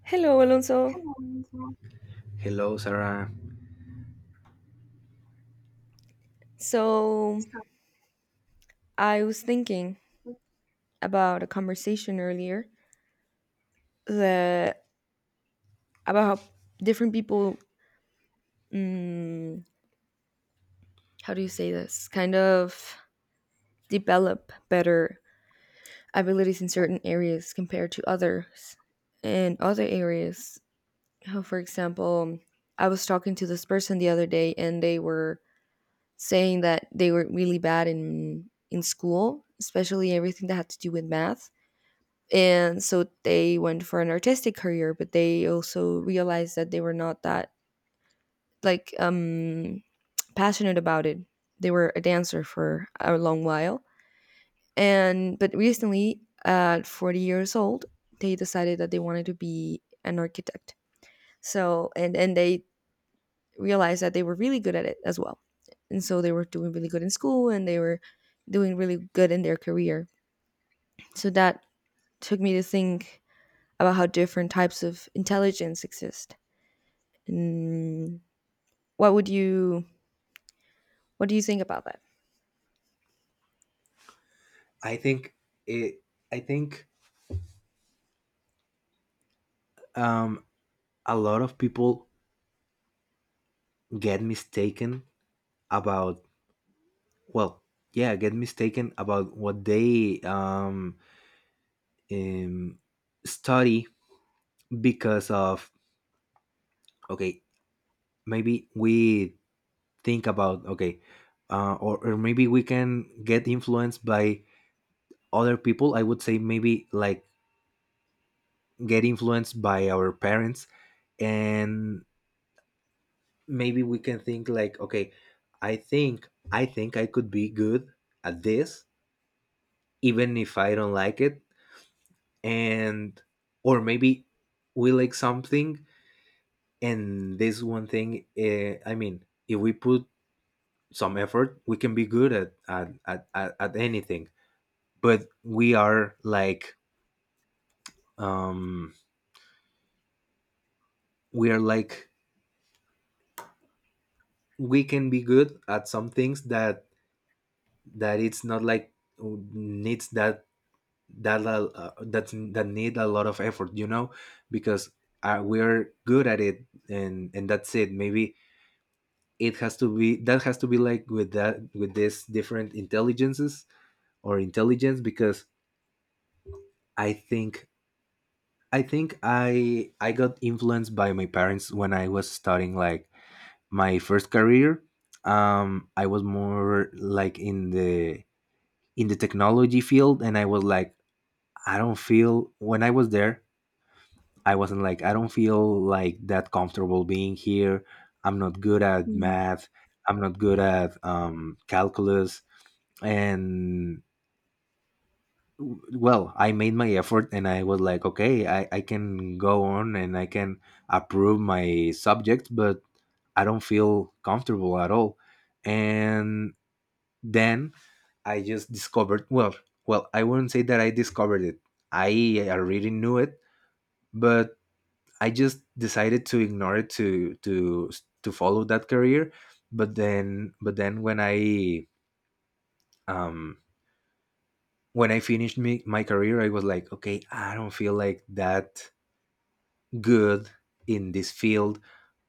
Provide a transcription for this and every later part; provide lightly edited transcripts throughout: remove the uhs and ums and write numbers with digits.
Hello, Alonso. Hello, Sarah. So I was thinking about a conversation earlier that about how different people, mm, how do you say this, kind of develop better abilities in certain areas compared to others in other areas. How, for example, I was talking to this person the other day, and they were saying that they were really bad in school, especially everything that had to do with math, and so they went for an artistic career, but they also realized that they were not that like um passionate about it. They were a dancer for a long while, and but recently at 40 years old they decided that they wanted to be an architect. So and and they realized that they were really good at it as well, and so they were doing really good in school, and they were doing really good in their career. So that took me to think about how different types of intelligence exist. And what would you what do you think about that? I think it, I think um, a lot of people get mistaken about well, yeah, get mistaken about what they um study because of, okay, maybe we think about, okay, or maybe we can get influenced by other people. I would say maybe like get influenced by our parents, and maybe we can think like, okay, I think I could be good at this even if I don't like it. And or maybe we like something, and this one thing, I mean if we put some effort we can be good at anything. But we are like um we are like we can be good at some things that that it's not like, needs that that need a lot of effort, you know, because we're good at it, and that's it. Maybe it has to be like with that, with this different intelligences or intelligence. Because i think I think I got influenced by my parents when I was starting like my first career. Um I was more like in the technology field, and I was like, I don't feel when I was there, I wasn't like, I don't feel like that comfortable being here. I'm not good at Mm. math. I'm not good at calculus. And well, I made my effort and I was like, okay, I can go on and I can approve my subject, but I don't feel comfortable at all. And then I just discovered, well, well, I wouldn't say that I discovered it. I already knew it, but I just decided to ignore it to follow that career. But then, um, when I finished my career, I was like, okay, I don't feel like that good in this field.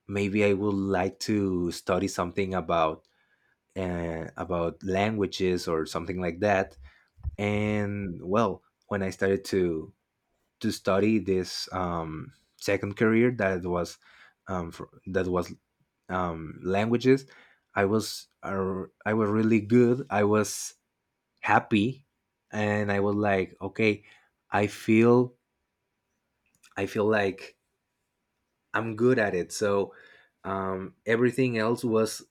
Maybe I would like to study something about languages or something like that. And well, when I started to study this second career, that was um, fr- that was languages. I was really good. I was happy, and I was like, okay, I feel I feel like I'm good at it. So everything else was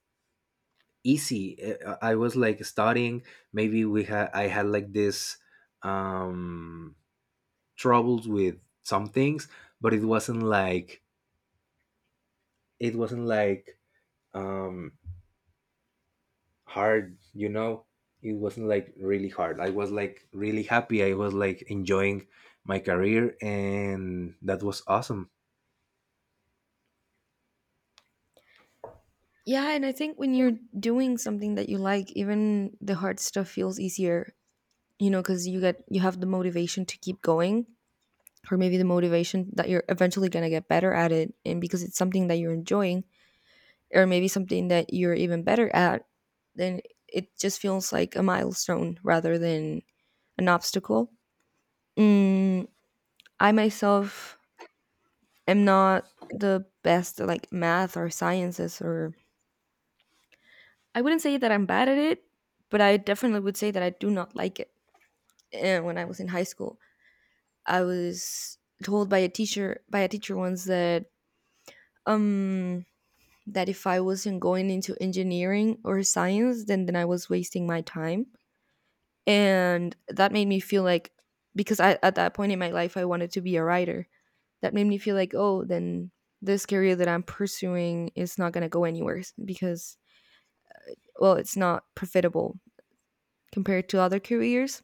easy. I was like studying. Maybe we had I had like this um, troubles with some things, but it wasn't like it wasn't like um, hard, you know. It wasn't like really hard. I was like really happy. I was like enjoying my career, and that was awesome. Yeah, and I think when you're doing something that you like, even the hard stuff feels easier, you know, because you have the motivation to keep going, or maybe the motivation that you're eventually gonna get better at it, and because it's something that you're enjoying, or maybe something that you're even better at, then it just feels like a milestone rather than an obstacle. Mm, I myself am not the best at like math or sciences, or I wouldn't say that I'm bad at it, but I definitely would say that I do not like it. And when I was in high school, I was told by a teacher once that um that if I wasn't going into engineering or science, then I was wasting my time. And that made me feel like, because at that point in my life I wanted to be a writer. That made me feel like, oh, then this career that I'm pursuing is not going to go anywhere, because well, it's not profitable compared to other careers.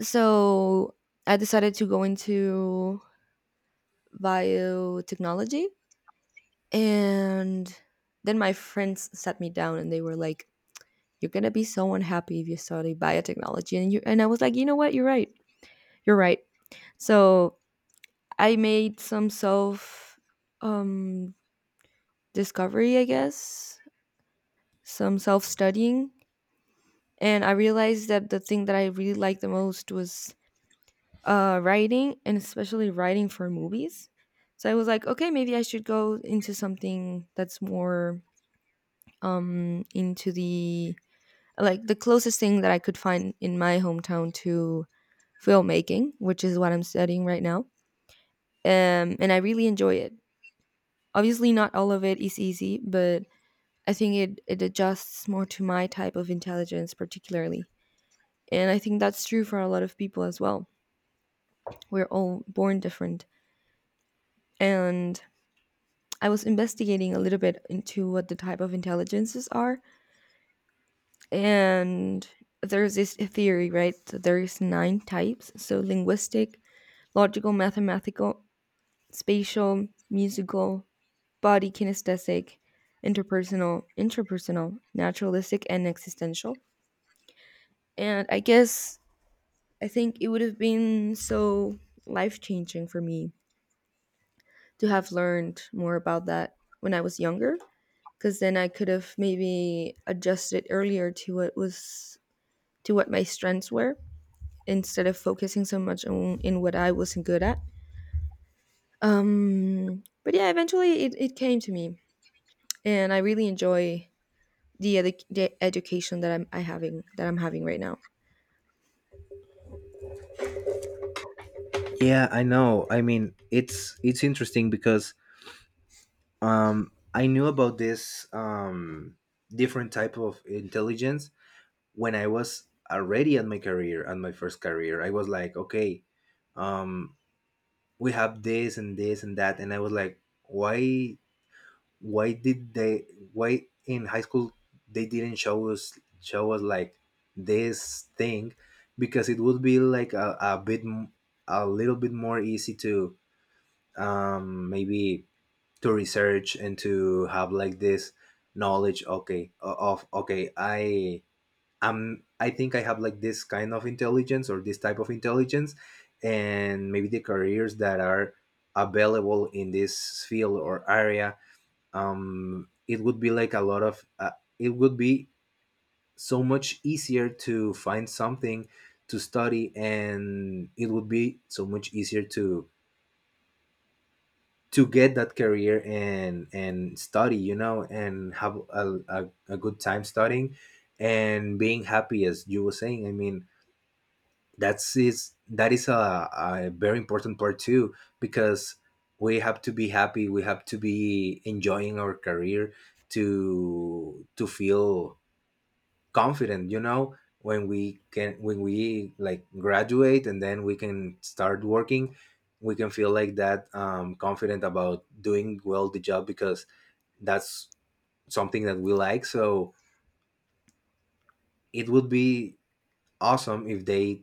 So I decided to go into biotechnology. And then my friends sat me down and they were like, "You're going to be so unhappy if you study biotechnology." And, and I was like, "You know what? You're right. You're right." So I made some self um, discovery, I guess, some self studying. And I realized that the thing that I really liked the most was writing, and especially writing for movies. So I was like, okay, maybe I should go into something that's more into the like the closest thing that I could find in my hometown to filmmaking, which is what I'm studying right now. And I really enjoy it. Obviously, not all of it is easy, but I think it adjusts more to my type of intelligence, particularly. And I think that's true for a lot of people as well. We're all born different. And I was investigating a little bit into what the type of intelligences are, and there's this theory, right? that There is nine types: so linguistic, logical, mathematical, spatial, musical, body kinesthetic, interpersonal, intrapersonal, naturalistic, and existential. And I guess I think it would have been so life changing for me to have learned more about that when I was younger, because then I could have maybe adjusted earlier to what was to what my strengths were instead of focusing so much on in what I wasn't good at. But yeah, eventually it came to me, and I really enjoy the education that I'm having right now. Yeah, I know. I mean, it's interesting because I knew about this different type of intelligence when I was already at my career, at my first career. I was like, okay, um we have this and this and that, and I was like, why did they why in high school they didn't show us like this thing, because it would be like a bit a little bit more easy to maybe to research and to have like this knowledge, okay, of okay, I think I have like this kind of intelligence or this type of intelligence, and maybe the careers that are available in this field or area, it would be like a lot of, it would be so much easier to find something to study, and it would be so much easier to get that career and study, you know, and have a good time studying and being happy, as you were saying. I mean, that is a very important part too, because we have to be happy, we have to be enjoying our career to feel confident, you know, when we can, when we like graduate and then we can start working, we can feel like that confident about doing well the job, because that's something that we like. So it would be awesome if they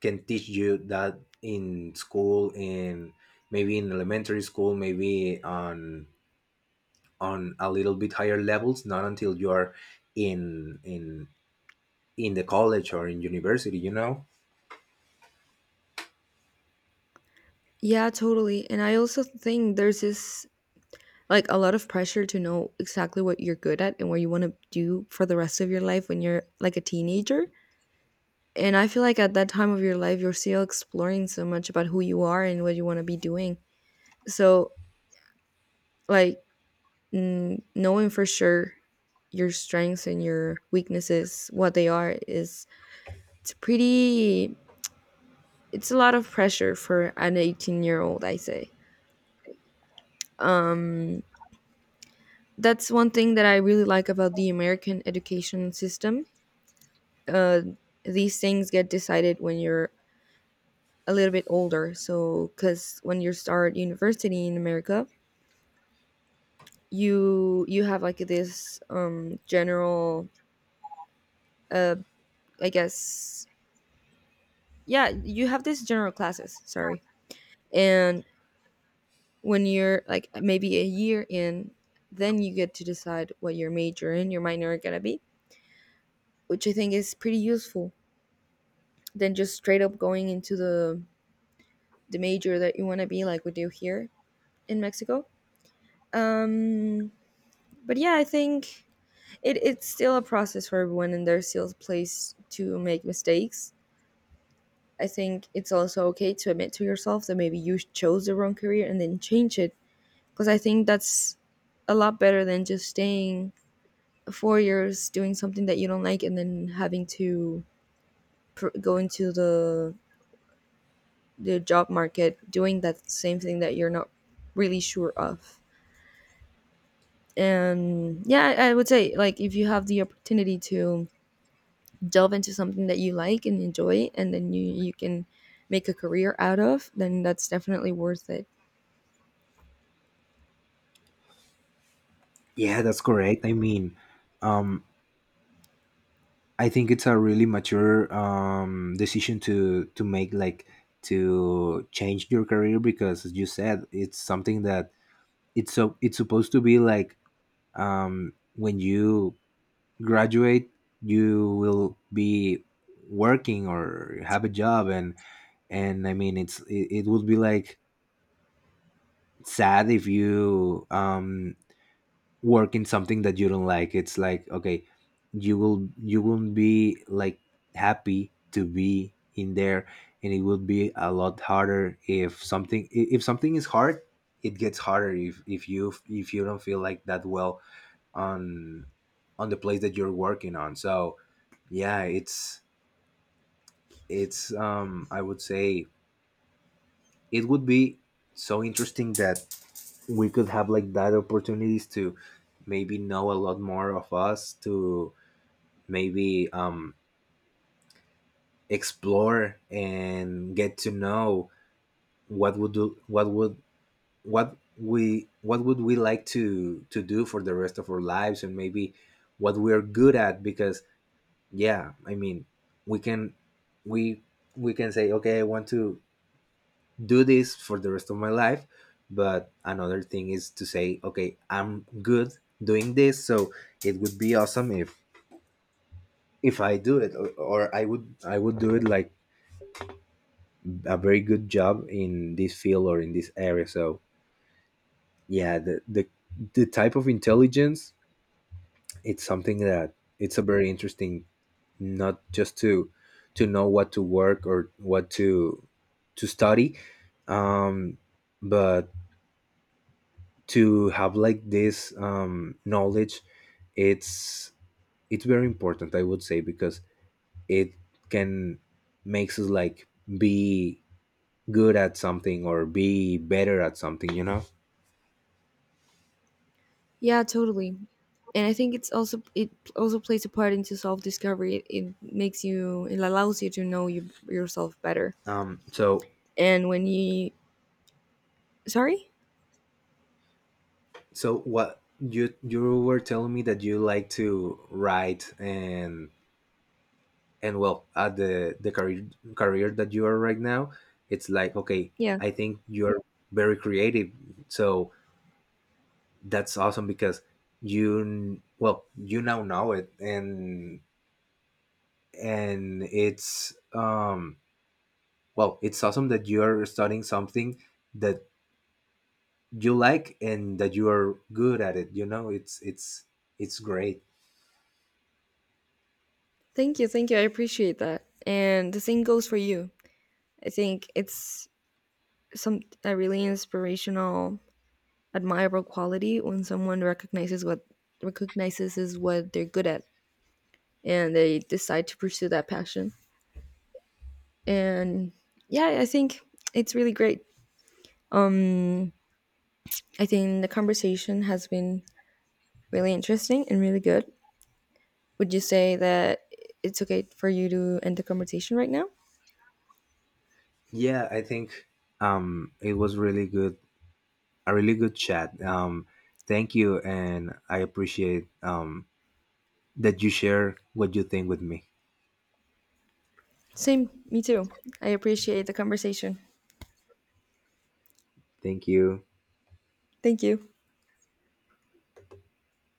can teach you that in school, in maybe in elementary school, maybe on a little bit higher levels, not until you're in in in the college or in university, you know. Yeah, totally. And I also think there's this like a lot of pressure to know exactly what you're good at and what you want to do for the rest of your life when you're like a teenager. And I feel like at that time of your life, you're still exploring so much about who you are and what you want to be doing. So, like, mm, knowing for sure your strengths and your weaknesses, what they are, is it's pretty, it's a lot of pressure for an 18-year-old, I say. That's one thing that I really like about the American education system. Uh, these things get decided when you're a little bit older. So, because when you start university in America, you have like this general uh i guess yeah, you have this general classes, sorry. And when you're like maybe a year in, then you get to decide what your major and your minor are going to be, which I think is pretty useful than just straight up going into the major that you want to be, like we do here in Mexico. Um, but yeah, I think it's still a process for everyone, and there's still a place to make mistakes. I think it's also okay to admit to yourself that maybe you chose the wrong career and then change it. Because I think that's a lot better than just staying 4 years doing something that you don't like and then having to go into the job market doing that same thing that you're not really sure of. And yeah, I would say, like, if you have the opportunity to delve into something that you like and enjoy, and then you can make a career out of, then that's definitely worth it. Yeah, that's correct. I mean, um I think it's a really mature decision to make, like, to change your career, because as you said, it's something that it's so, it's supposed to be like, when you graduate you will be working or have a job, and I mean, it it would be like sad if you work in something that you don't like. It's like, okay, you won't be like happy to be in there, and it would be a lot harder if if something is hard, it gets harder if if you don't feel like that well on on the place that you're working on. So yeah, it's I would say it would be so interesting that we could have like that opportunities to maybe know a lot more of us, to maybe explore and get to know what would do what would what we what would we like to do for the rest of our lives, and maybe what we're good at. Because yeah, I mean, we can we we can say, okay, I want to do this for the rest of my life, but another thing is to say, okay, I'm good doing this, so it would be awesome if I do it or I would do it like a very good job in this field or in this area. So yeah, the the type of intelligence, it's something that it's a very interesting, not just to know what to work or what to study, um but to have like this knowledge, it's it's very important, I would say, because it can makes us like be good at something or be better at something, you know. Yeah, totally. And I think it's also it also plays a part into self discovery. It makes you it allows you to know yourself better. So And when you sorry, so what, you were telling me that you like to write, and well, at the career career that you are right now. It's like, okay, yeah, I think you're very creative, so that's awesome, because you well, you now know it. And it's well, it's awesome that you're studying something that you like and that you are good at it, you know. It's it's great. Thank you, I appreciate that. And the same goes for you. I think it's some a really inspirational, admirable quality when someone recognizes is what they're good at, and they decide to pursue that passion. And yeah, I think it's really great. Um, I think the conversation has been really interesting and really good. Would you say that it's okay for you to end the conversation right now? Yeah, I think it was really good, a really good chat. Thank you, and I appreciate that you share what you think with me. Same, me too. I appreciate the conversation. Thank you. Thank you.